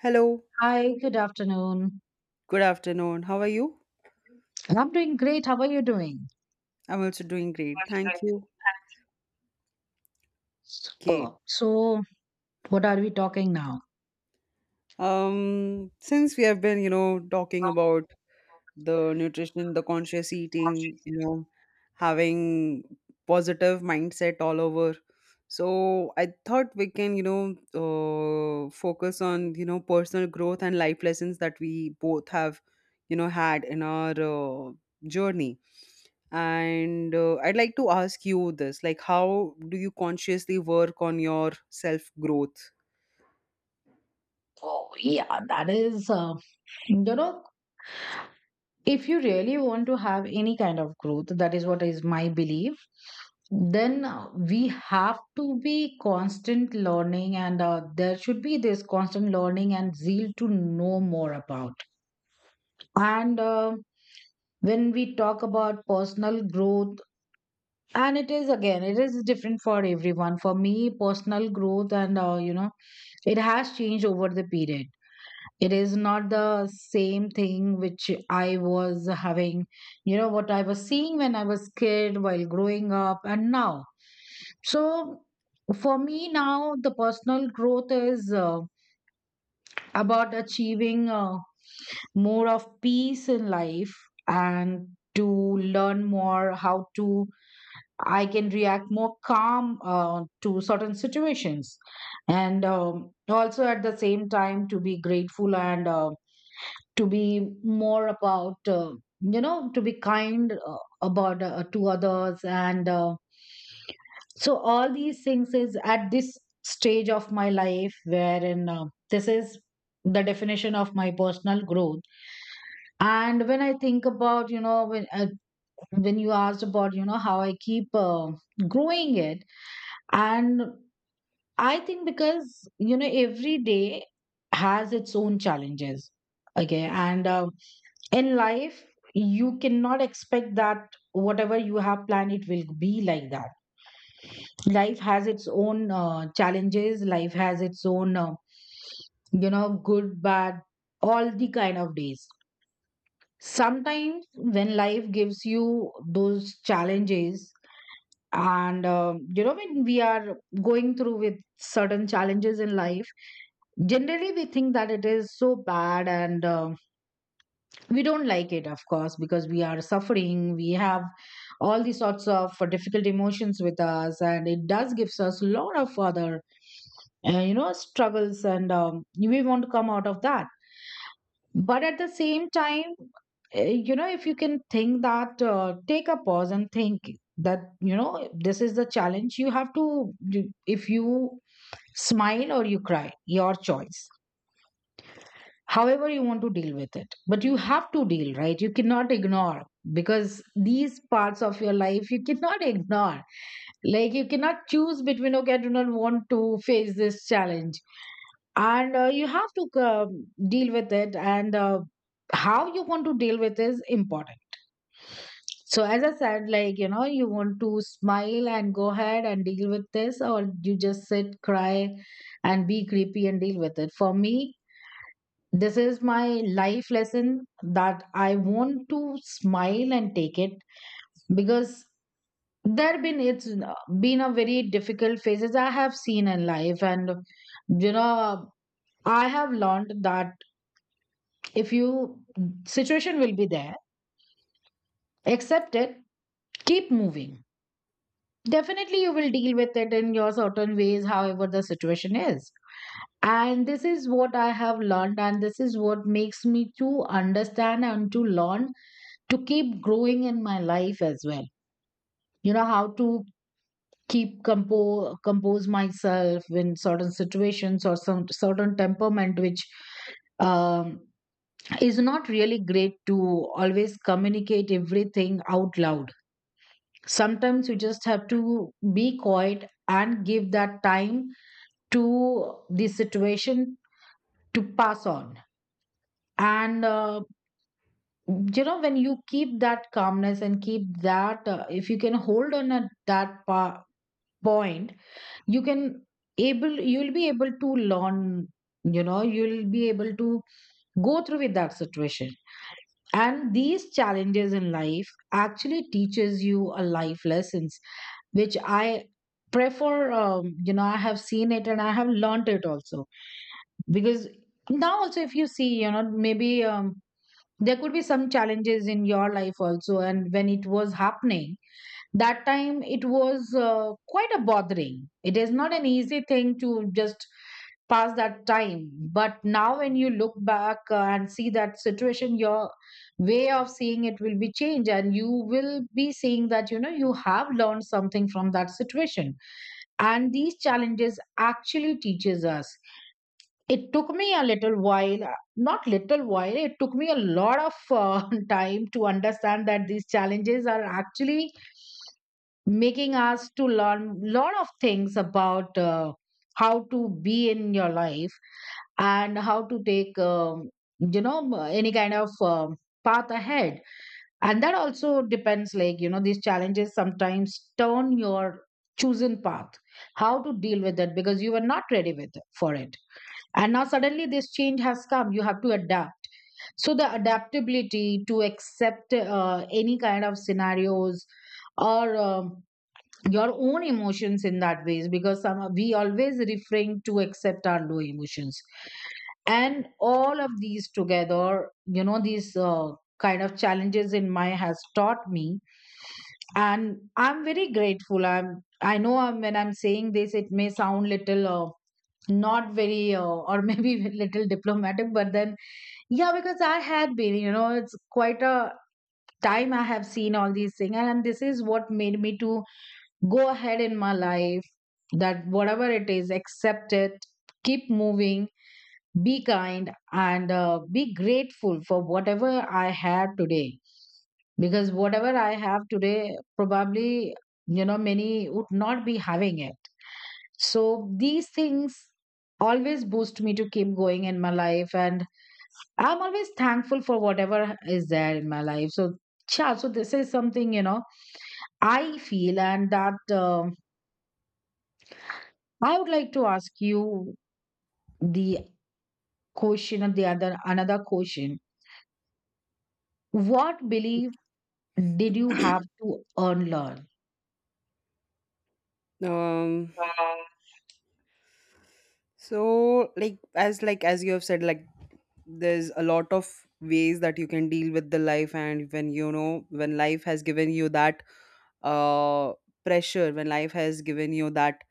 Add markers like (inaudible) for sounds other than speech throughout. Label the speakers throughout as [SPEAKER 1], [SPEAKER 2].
[SPEAKER 1] Hello,
[SPEAKER 2] Hi, good afternoon.
[SPEAKER 1] good afternoon. How are you?
[SPEAKER 2] I'm doing great. How are you doing?
[SPEAKER 1] I'm also doing great. Thank you. Okay.
[SPEAKER 2] Superb. So, what are we talking now?
[SPEAKER 1] Since we have been, you know, talking about the nutrition, the conscious eating, you know, having positive mindset all over. So I thought we can, you know, focus on, you know, personal growth and life lessons that we both have, you know, had in our journey. And I'd like to ask you this, like, how do you consciously work on your self growth?
[SPEAKER 2] Oh, yeah, that is, you know, if you really want to have any kind of growth, that is what is my belief, then we have to be constant learning, and there should be this constant learning and zeal to know more about. And When we talk about personal growth, and it is different for everyone. For me personal growth, and you know it has changed over the period. It is not the same thing which I was having, you know, what I was seeing when I was kid while growing up, and now, so, for me now, the personal growth is about achieving more of peace in life and to learn more how to I can react more calm to certain situations. And Also at the same time, to be grateful and to be more about, you know, to be kind about to others. And so all these things is at this stage of my life wherein, this is the definition of my personal growth. And when I think about, you know, when you asked about, you know, how I keep growing it, and I think because, you know, every day has its own challenges. Okay, and in life you cannot expect that whatever you have planned it will be like that. Life has its own challenges. Life has its own, you know, good, bad, all the kind of days. Sometimes when life gives you those challenges, and you know, when we are going through with certain challenges in life, generally we think that it is so bad, and we don't like it, of course, because we are suffering. We have all these sorts of difficult emotions with us, and it does gives us a lot of other you know struggles, and we want to come out of that. But at the same time, uh, you know, if you can think that, take a pause and think that, you know, this is the challenge you have to, if you smile or you cry, your choice. However you want to deal with it, but you have to deal, right? You cannot ignore, because these parts of your life you cannot ignore. Like, you cannot choose between okay, I do not want to face this challenge, and you have to deal with it. And how you want to deal with is important. So as I said, like, you know, you want to smile and go ahead and deal with this, or you just sit, cry, and be creepy and deal with it. For me, this is my life lesson, that I want to smile and take it, because there have been, it's been a very difficult phases I have seen in life, and, you know, I have learned that if you situation will be there, accept it, keep moving. Definitely you will deal with it in your certain ways, however the situation is. And this is what I have learned, and this is what makes me to understand and to learn to keep growing in my life as well. You know, how to keep compose myself in certain situations, or some certain temperament which, um, is not really great to always communicate everything out loud. Sometimes you just have to be quiet and give that time to the situation to pass on. And you know, when you keep that calmness and keep that, if you can hold on at that point, you can able you'll be able to learn, you know, you'll be able to go through with that situation. And these challenges in life actually teaches you a life lessons, which I prefer. You know, I have seen it and I have learned it also, because now also, if you see, you know, maybe there could be some challenges in your life also, and when it was happening, that time it was quite a bothering. It is not an easy thing to just pass that time, but now when you look back, and see that situation, your way of seeing it will be changed, and you will be seeing that, you know, you have learned something from that situation. And these challenges actually teaches us, it took me a little while, not little while it took me a lot of (laughs) time to understand that these challenges are actually making us to learn lot of things about how to be in your life, and how to take, you know, any kind of path ahead. And that also depends, like, you know, these challenges sometimes turn your chosen path, how to deal with it, because you were not ready with for it, and now suddenly this change has come, you have to adapt. So the adaptability to accept any kind of scenarios, or your own emotions in that ways, because some we always refrain to accept our low emotions. And all of these together, you know, these kind of challenges in my has taught me, and I'm very grateful. I know, when I'm saying this it may sound little not very or (laughs) maybe little diplomatic, but then, yeah, because I had been, you know, it's quite a time I have seen all these things, and this is what made me to go ahead in my life, that whatever it is, accept it, keep moving, be kind, and be grateful for whatever I had today, because whatever I have today, probably, you know, many would not be having it. So these things always boost me to keep going in my life, and I'm always thankful for whatever is there in my life. So, yeah, so this is something, you know, I feel. And that, I would like to ask you the question of the other another question. What belief did you have to unlearn?
[SPEAKER 1] Um, so, like as you have said, like there's a lot of ways that you can deal with the life, and when you know when life has given you that uh pressure, when life has given you that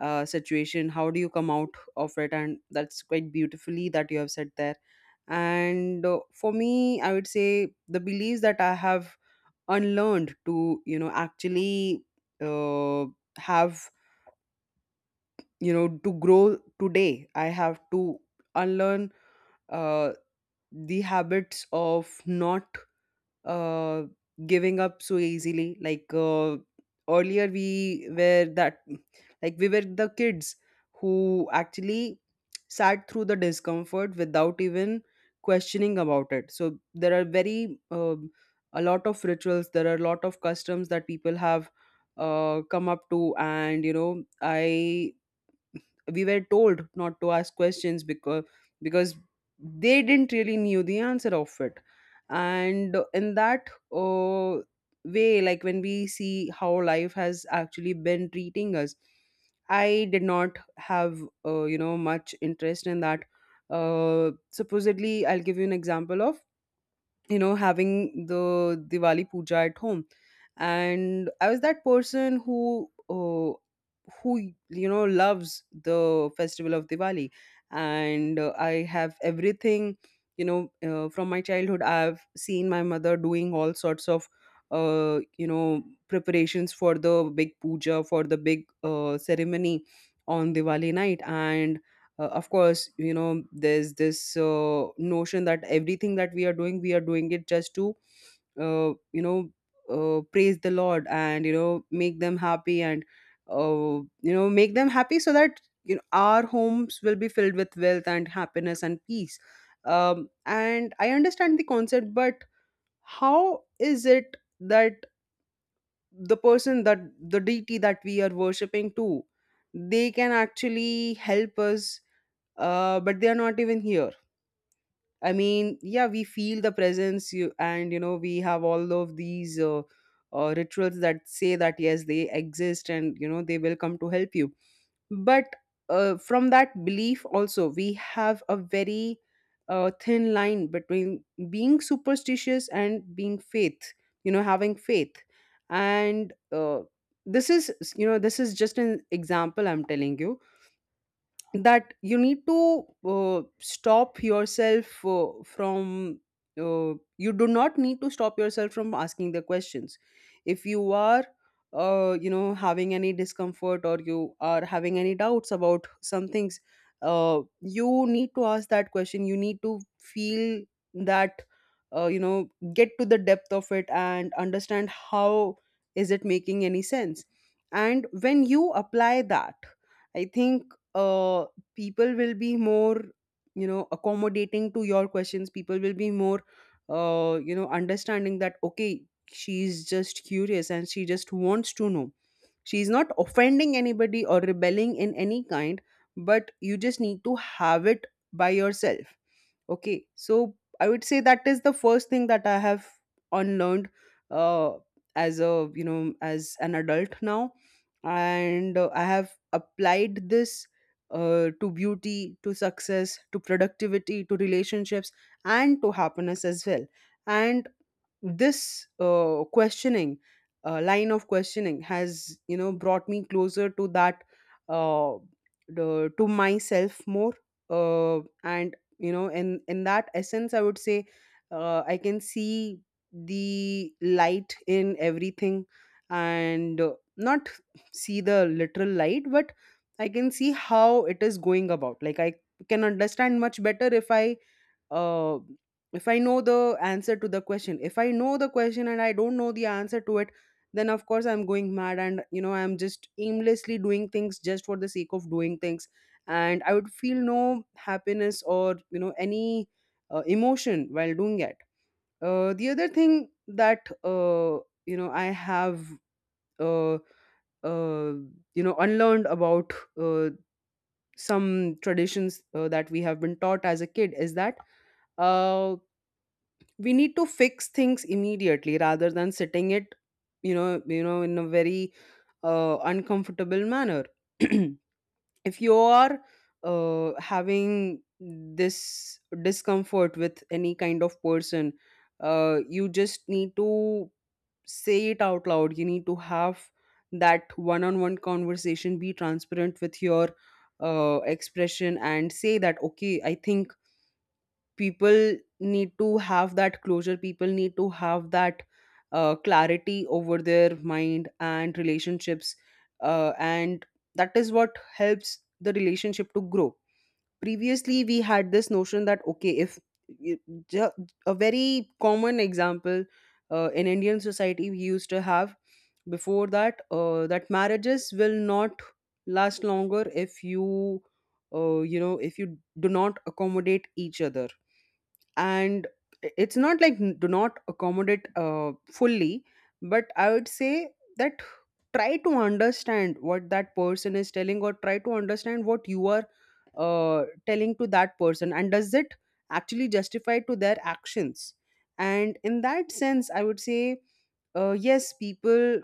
[SPEAKER 1] situation, how do you come out of it? And that's quite beautifully that you have said there. And For me, I would say the beliefs that I have unlearned to, you know, actually uh, have, you know, to grow today, I have to unlearn uh, the habits of not uh, giving up so easily. Earlier, we were that, like we were the kids who actually sat through the discomfort without even questioning about it. So there are very a lot of rituals. There are a lot of customs that people have come up to, and you know, I we were told not to ask questions, because they didn't really knew the answer of it. And in that uh, way, like when we see how life has actually been treating us, I did not have you know much interest in that. Supposedly, I'll give you an example of, you know, having the Diwali puja at home. And I was that person who, uh, who you know, loves the festival of Diwali. And I have everything, you know, from my childhood. I've seen my mother doing all sorts of, you know, preparations for the big puja, for the big ceremony on Diwali night. And Of course, you know, there's this notion that everything that we are doing, we are doing it just to, you know, praise the lord, and you know, make them happy, and uh, you know, make them happy so that, you know, our homes will be filled with wealth and happiness and peace. And I understand the concept, but how is it that the person that the deity that we are worshipping to, they can actually help us, but they are not even here? I mean, yeah, we feel the presence, you, and you know, we have all of these rituals that say that yes, they exist, and you know, they will come to help you. But from that belief, also, we have a very thin line between being superstitious and being faith. You know, having faith, and this is, you know, this is just an example I'm telling you, that you need to stop yourself from you do not need to stop yourself from asking the questions. If you are you know having any discomfort, or you are having any doubts about some things, you need to ask that question. You need to feel that you know, get to the depth of it and understand how is it making any sense. And when you apply that, I think uh, people will be more, you know, accommodating to your questions. People will be more you know understanding that okay, she's just curious and she just wants to know. She's not offending anybody or rebelling in any kind, but you just need to have it by yourself. Okay, so I would say that is the first thing that I have unlearned, uh, as a you know as an adult now. And I have applied this to beauty, to success, to productivity, to relationships, and to happiness as well. And this questioning line of questioning has, you know, brought me closer to that uh, to myself more. And you know, in that essence, I would say I can see the light in everything, and not see the literal light, but I can see how it is going about. Like I can understand much better uh, if I know the answer to the question. If I know the question and I don't know the answer to it, then of course I'm going mad, and you know I'm just aimlessly doing things just for the sake of doing things, and I would feel no happiness or you know any emotion while doing it. The other thing that you know I have uh, uh, you know unlearned about uh, some traditions that we have been taught as a kid is that uh, we need to fix things immediately rather than sitting it, you know, in a very uncomfortable manner. (clears throat) If you are having this discomfort with any kind of person, you just need to say it out loud. You need to have that one-on-one conversation, be transparent with your expression and say that okay, I think people need to have that closure. People need to have that clarity over their mind and relationships. And that is what helps the relationship to grow. Previously, we had this notion that okay, if you- ju- a very common example in Indian society we used to have before that, that marriages will not last longer if you, you know, if you do not accommodate each other. And it's not like do not accommodate fully, but I would say that try to understand what that person is telling, or try to understand what you are telling to that person, and does it actually justify to their actions? And in that sense, I would say yes, people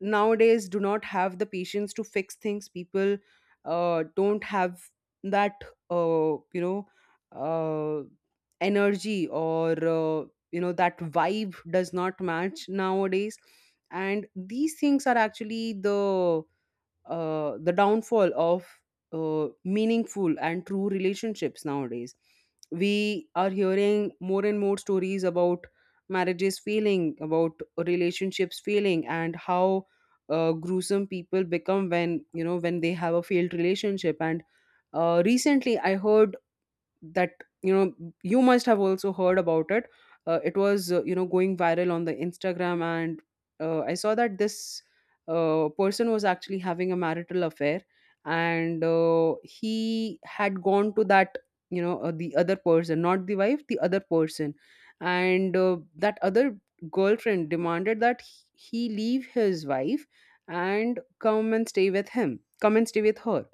[SPEAKER 1] nowadays do not have the patience to fix things. People don't have that you know uh, energy, or you know that vibe does not match nowadays. And these things are actually the downfall of meaningful and true relationships nowadays. We are hearing more and more stories about marriages failing, about relationships failing, and how gruesome people become when you know when they have a failed relationship. And Recently, I heard that, you know, you must have also heard about it. It was you know going viral on the Instagram, and I saw that this person was actually having a marital affair. And He had gone to that, you know, the other person, not the wife, the other person. And That other girlfriend demanded that he leave his wife and come and stay with him, come and stay with her.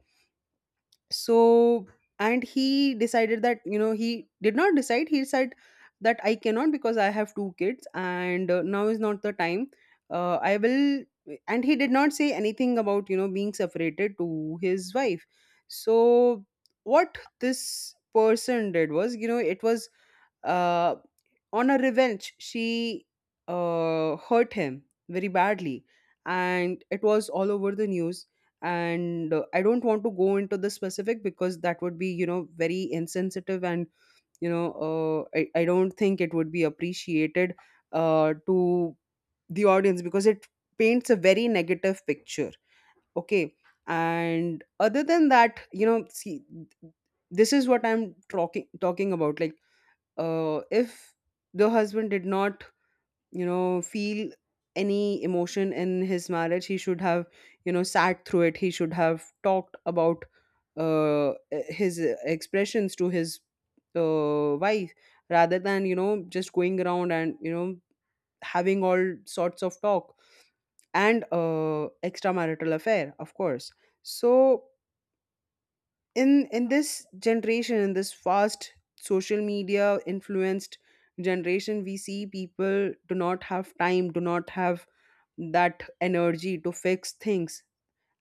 [SPEAKER 1] So, and he decided that, you know, he did not decide, he said that I cannot because I have two kids, and now is not the time, I will. And he did not say anything about, you know, being separated to his wife. So what this person did was, you know, it was uh, on a revenge, she hurt him very badly, and it was all over the news. And I don't want to go into the specific because that would be, you know, very insensitive, and you know, I don't think it would be appreciated to the audience because it paints a very negative picture. Okay, and other than that, you know, see, this is what I'm talking about. Like if the husband did not feel any emotion in his marriage, he should have sat through it. He should have talked about uh, his expressions to his wife, rather than just going around and having all sorts of talk and extramarital affair, of course. So in this generation, in this fast, social media influenced generation, we see people do not have time, do not have that energy to fix things.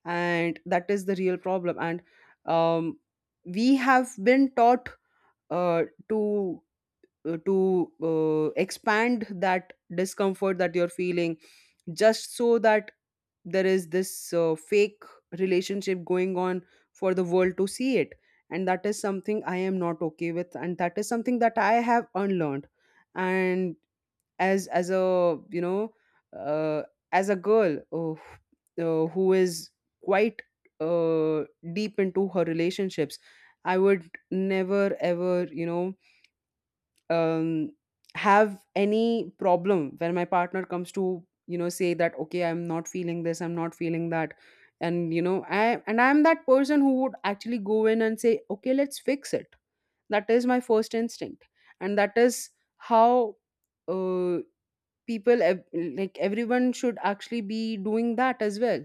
[SPEAKER 1] And that is the real problem. And um, we have been taught uh, to to expand that discomfort that you're feeling just so that there is this fake relationship going on for the world to see it. And that is something I am not okay with, and that is something that I have unlearned. And as a, uh, as a girl, who is quite uh, deep into her relationships, I would never ever, um, have any problem when my partner comes to say that, okay, I'm not feeling this, I'm not feeling that. And I'm that person who would actually go in and say, okay, let's fix it. That is my first instinct. And that is how uh, like everyone should actually be doing that as well.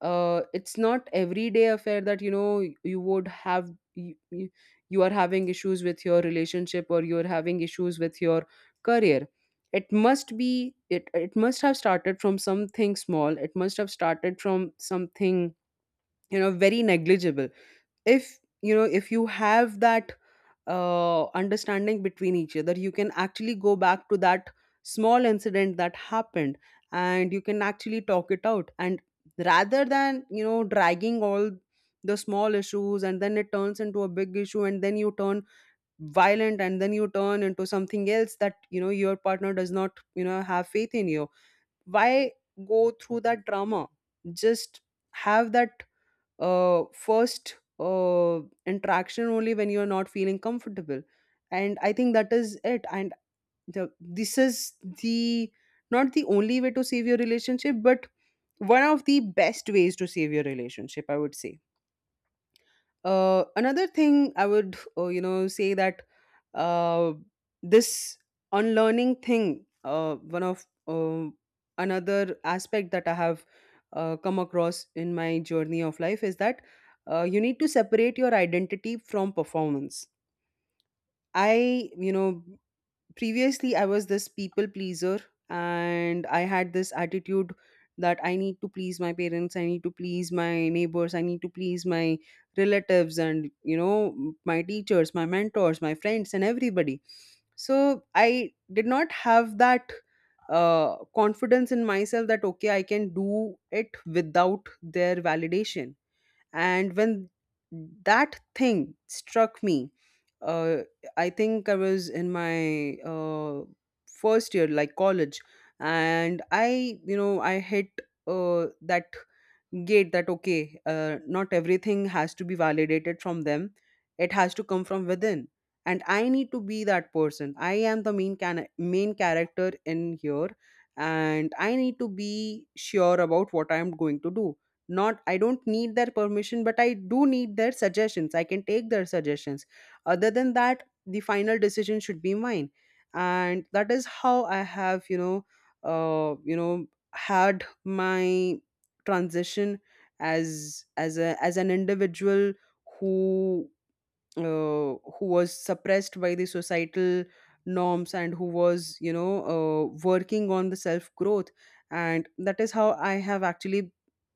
[SPEAKER 1] Uh, it's not everyday affair that you would have you, you are having issues with your relationship, or you're having issues with your career. It must be it must have started from something small. It must have started from something, very negligible. If if you have that understanding between each other, you can actually go back to that small incident that happened, and you can actually talk it out, and rather than dragging all the small issues, and then it turns into a big issue, and then you turn violent, and then you turn into something else, that your partner does not have faith in you. Why go through that drama? Just have that first interaction only when you're not feeling comfortable. And I think that is it. And this is the, not the only way to save your relationship, but one of the best ways to save your relationship, I would say. Another thing I would, say that, uh, this unlearning thing, one of another aspect that I have come across in my journey of life, is that you need to separate your identity from performance. I, you know, Previously, I was this people pleaser, and I had this attitude that I need to please my parents, I need to please my neighbors, I need to please my relatives, and my teachers, my mentors, my friends, and everybody. So I did not have that confidence in myself that, okay, I can do it without their validation. And when that thing struck me, uh, I think I was in my first year, like college, and I you know I hit that gate that, okay, not everything has to be validated from them. It has to come from within. And I need to be that person. I am the main character in here, and I need to be sure about what I am going to do. Not, I don't need their permission, but I do need their suggestions. I can take their suggestions. Other than that, the final decision should be mine. And that is how I have, uh, you know had my transition as a as an individual who uh, who was suppressed by the societal norms, and who was working on the self growth. And that is how I have actually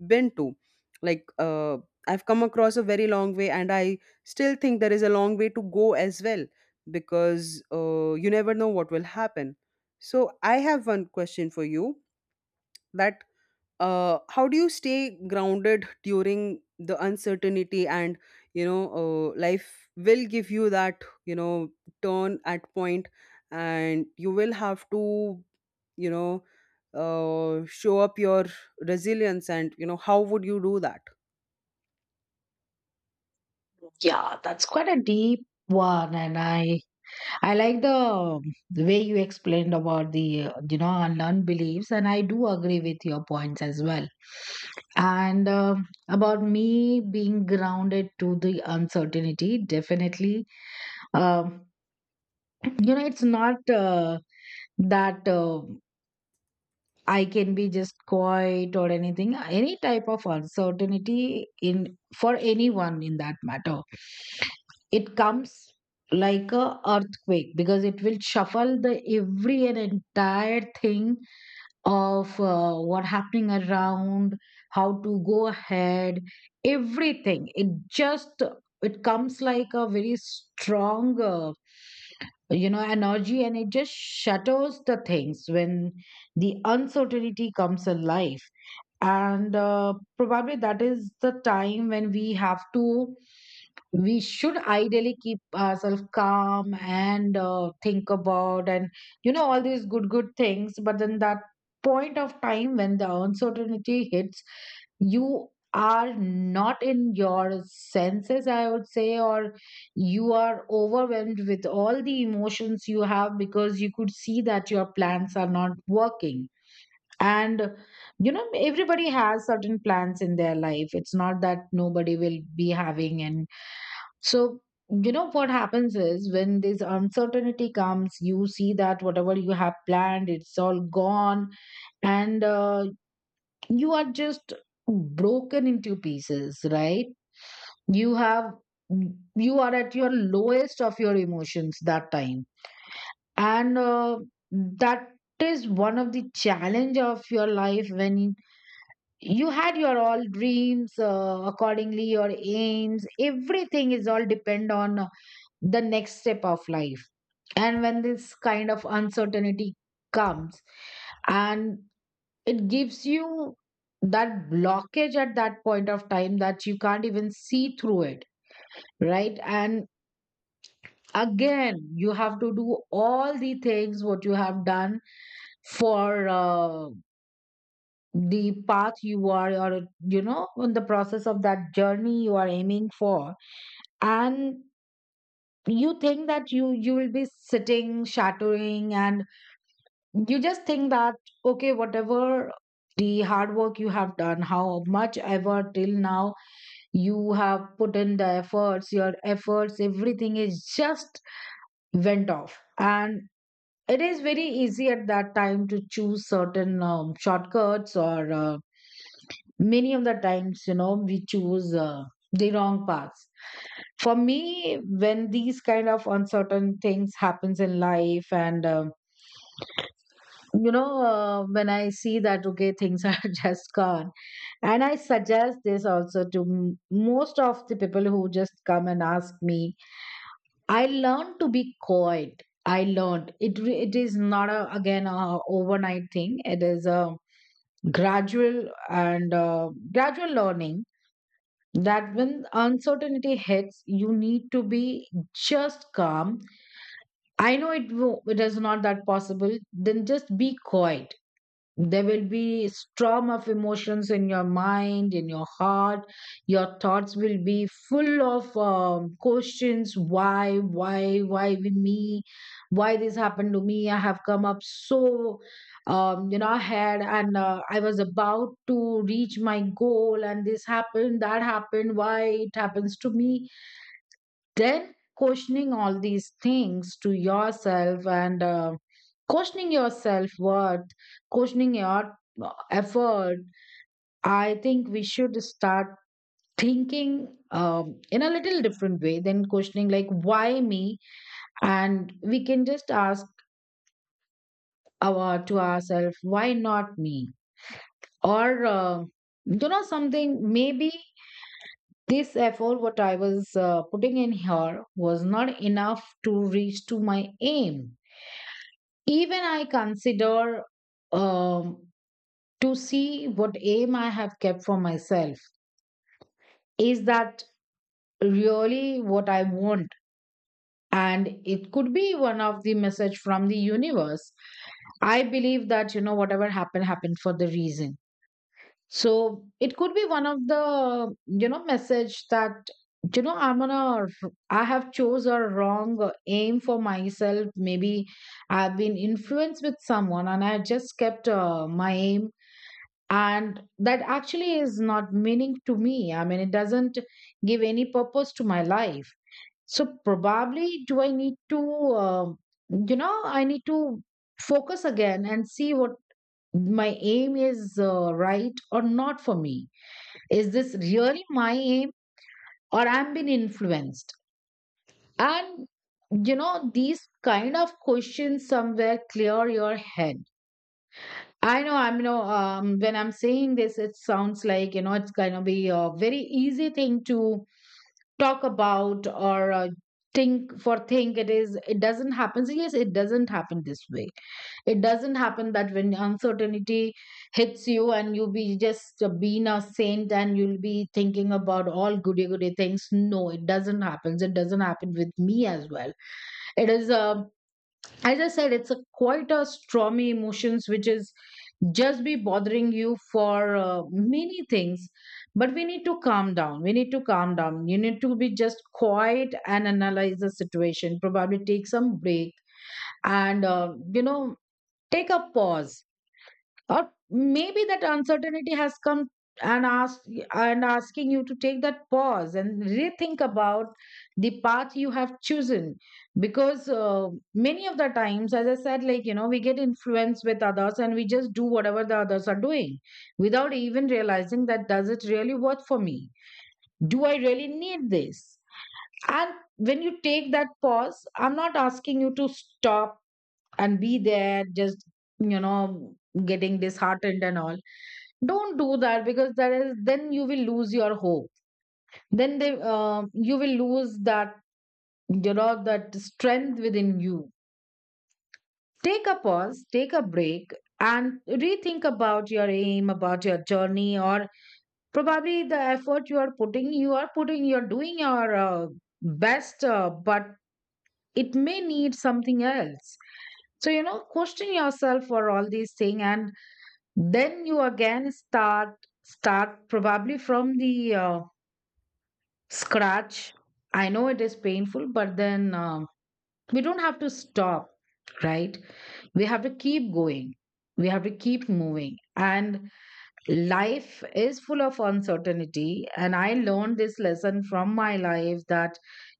[SPEAKER 1] been to, like uh, I've come across a very long way, and I still think there is a long way to go as well, because you never know what will happen. So I have one question for you, that how do you stay grounded during the uncertainty? And you know life will give you that, turn at point, and you will have to, you know show up your resilience, and how would you do that?
[SPEAKER 2] Yeah, that's quite a deep one, and I like the way you explained about the, you know, unlearned beliefs, and I do agree with your points as well. And about me being grounded to the uncertainty, definitely, um, you know, it's not that. I can be just quiet or anything, any type of uncertainty in for anyone in that matter. It comes like a earthquake, because it will shuffle the every and entire thing of what happening around, how to go ahead, everything. It just it comes like a very strong you know energy, and it just shatters the things when the uncertainty comes alive. And probably that is the time when we have to we should ideally keep ourselves calm and think about, and you know, all these good things. But then that point of time when the uncertainty hits, you are not in your senses, I would say, or you are overwhelmed with all the emotions you have, because you could see that your plans are not working. And you know, everybody has certain plans in their life, it's not that nobody will be having. And so, you know, what happens is when this uncertainty comes, you see that whatever you have planned, it's all gone. And you are just broken into pieces, right? You have you are at your lowest of your emotions that time. And that is one of the challenge of your life, when you had your all dreams, accordingly your aims, everything is all depend on the next step of life. And when this kind of uncertainty comes, and it gives you that blockage at that point of time, that you can't even see through it, right? And again you have to do all the things what you have done for the path you are, or you know, in the process of that journey you are aiming for. And you think that you will be sitting shattering, and you just think that, okay, whatever the hard work you have done, how much ever till now you have put in the efforts, your efforts, everything is just went off. And it is very easy at that time to choose certain shortcuts, or many of the times, you know, we choose the wrong paths. For me, when these kind of uncertain things happens in life, and you know, when I see that, okay, things are (laughs) just gone, and I suggest this also to most of the people who just come and ask me, I learned to be quiet. I learned it, it is not a, again a overnight thing, it is a gradual, and gradual Learning that when uncertainty hits, you need to be just calm. I know it, it is not that possible. Then just be quiet. There will be storm of emotions in your mind, in your heart. Your thoughts will be full of questions: why with me? Why this happened to me? I have come up so, ahead, and I was about to reach my goal, and this happened, that happened. Why it happens to me? Then questioning all these things to yourself, and questioning your self worth, questioning your effort. I think we should start thinking in a little different way than questioning like why me, and we can just ask our to ourselves why not me, or something. Maybe this effort what I was putting in here was not enough to reach to my aim. Even I consider, um, to see what aim I have kept for myself. Is that really what I want? And it could be one of the message from the universe. I believe that, you know, whatever happened, happened for the reason. So it could be one of the, message that, you know, I'm gonna, I have chose a wrong aim for myself. Maybe I've been influenced with someone and I just kept my aim, and that actually is not meaning to me. I mean, it doesn't give any purpose to my life. So probably, do I need to um I need to focus again and see what my aim is, right or not for me. Is this really my aim, or I'm being influenced? And, these kind of questions somewhere clear your head. I know, I'm you know. When I'm saying this, it sounds like, you know, it's going to be a very easy thing to talk about, or think it is, it doesn't happen. So yes, it doesn't happen this way. It doesn't happen that when uncertainty hits you, and you be just being a saint and you'll be thinking about all goody goody things. No, it doesn't happen. It doesn't happen with me as well. It is, um as I said, it's a quite a stormy emotions which is just be bothering you for many things. But we need to calm down. We need to calm down. You need to be just quiet and analyze the situation. Probably take some break, and take a pause. Or maybe that uncertainty has come and asking you to take that pause and rethink about the path you have chosen, because many of the times, as I said, like, you know, we get influenced with others and we just do whatever the others are doing without even realizing that does it really work for me, do I really need this. And when you take that pause, I'm not asking you to stop and be there just, you know getting disheartened and all. Don't do that, because that is then you will lose your hope. Then they you will lose that, you know, that strength within you. Take a pause, take a break, and rethink about your aim, about your journey. Or probably the effort you are putting, you're doing your best, but it may need something else. So, you know, question yourself for all these things, and then you again start probably from the scratch. I know it is painful, but then, we don't have to stop, right? We have to keep going, we have to keep moving. And life is full of uncertainty, and I learned this lesson from my life that,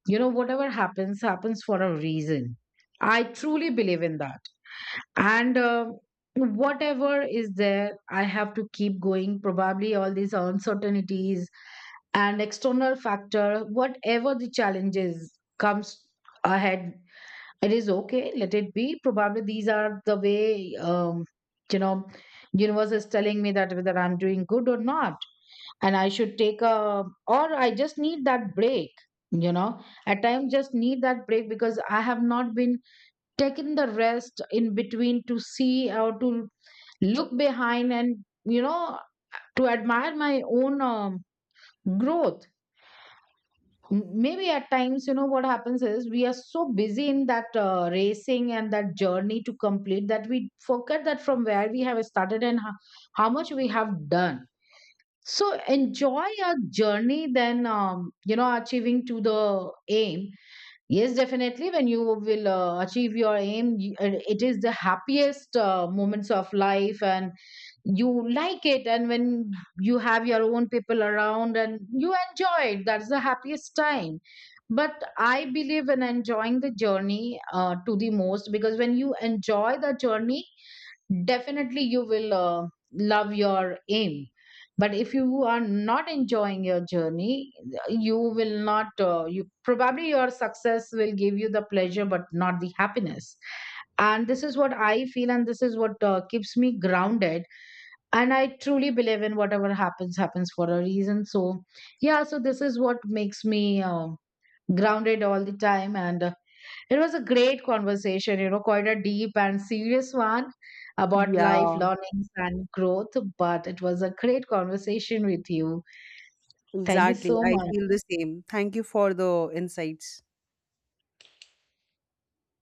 [SPEAKER 2] you know, whatever happens happens for a reason. I truly believe in that. And whatever is there, I have to keep going. Probably all these uncertainties and external factor, whatever the challenges comes ahead, it is okay, let it be. Probably these are the way, you know universe is telling me that whether I'm doing good or not, and I should take a or I just need that break. You know, at times just need that break, because I have not been taken the rest in between to see, or to look behind and, you know, to admire my own growth. Maybe at times, you know, what happens is we are so busy in that racing and that journey to complete that we forget that from where we have started and how much we have done. So enjoy your journey, then, achieving to the aim. Yes, definitely. When you will achieve your aim, it is the happiest moments of life, and you like it. And when you have your own people around and you enjoy it, that's the happiest time. But I believe in enjoying the journey to the most, because when you enjoy the journey, definitely you will love your aim. But if you are not enjoying your journey, you will not you probably your success will give you the pleasure but not the happiness. And this is what I feel, and this is what keeps me grounded. And I truly believe in whatever happens happens for a reason. So yeah, so this is what makes me grounded all the time. And it was a great conversation, you know, quite a deep and serious one about
[SPEAKER 1] Yeah,
[SPEAKER 2] life, learnings, and growth. But it was a great conversation with you. Thank you
[SPEAKER 1] exactly,
[SPEAKER 2] so
[SPEAKER 1] I
[SPEAKER 2] much.
[SPEAKER 1] feel the same. Thank you for the insights.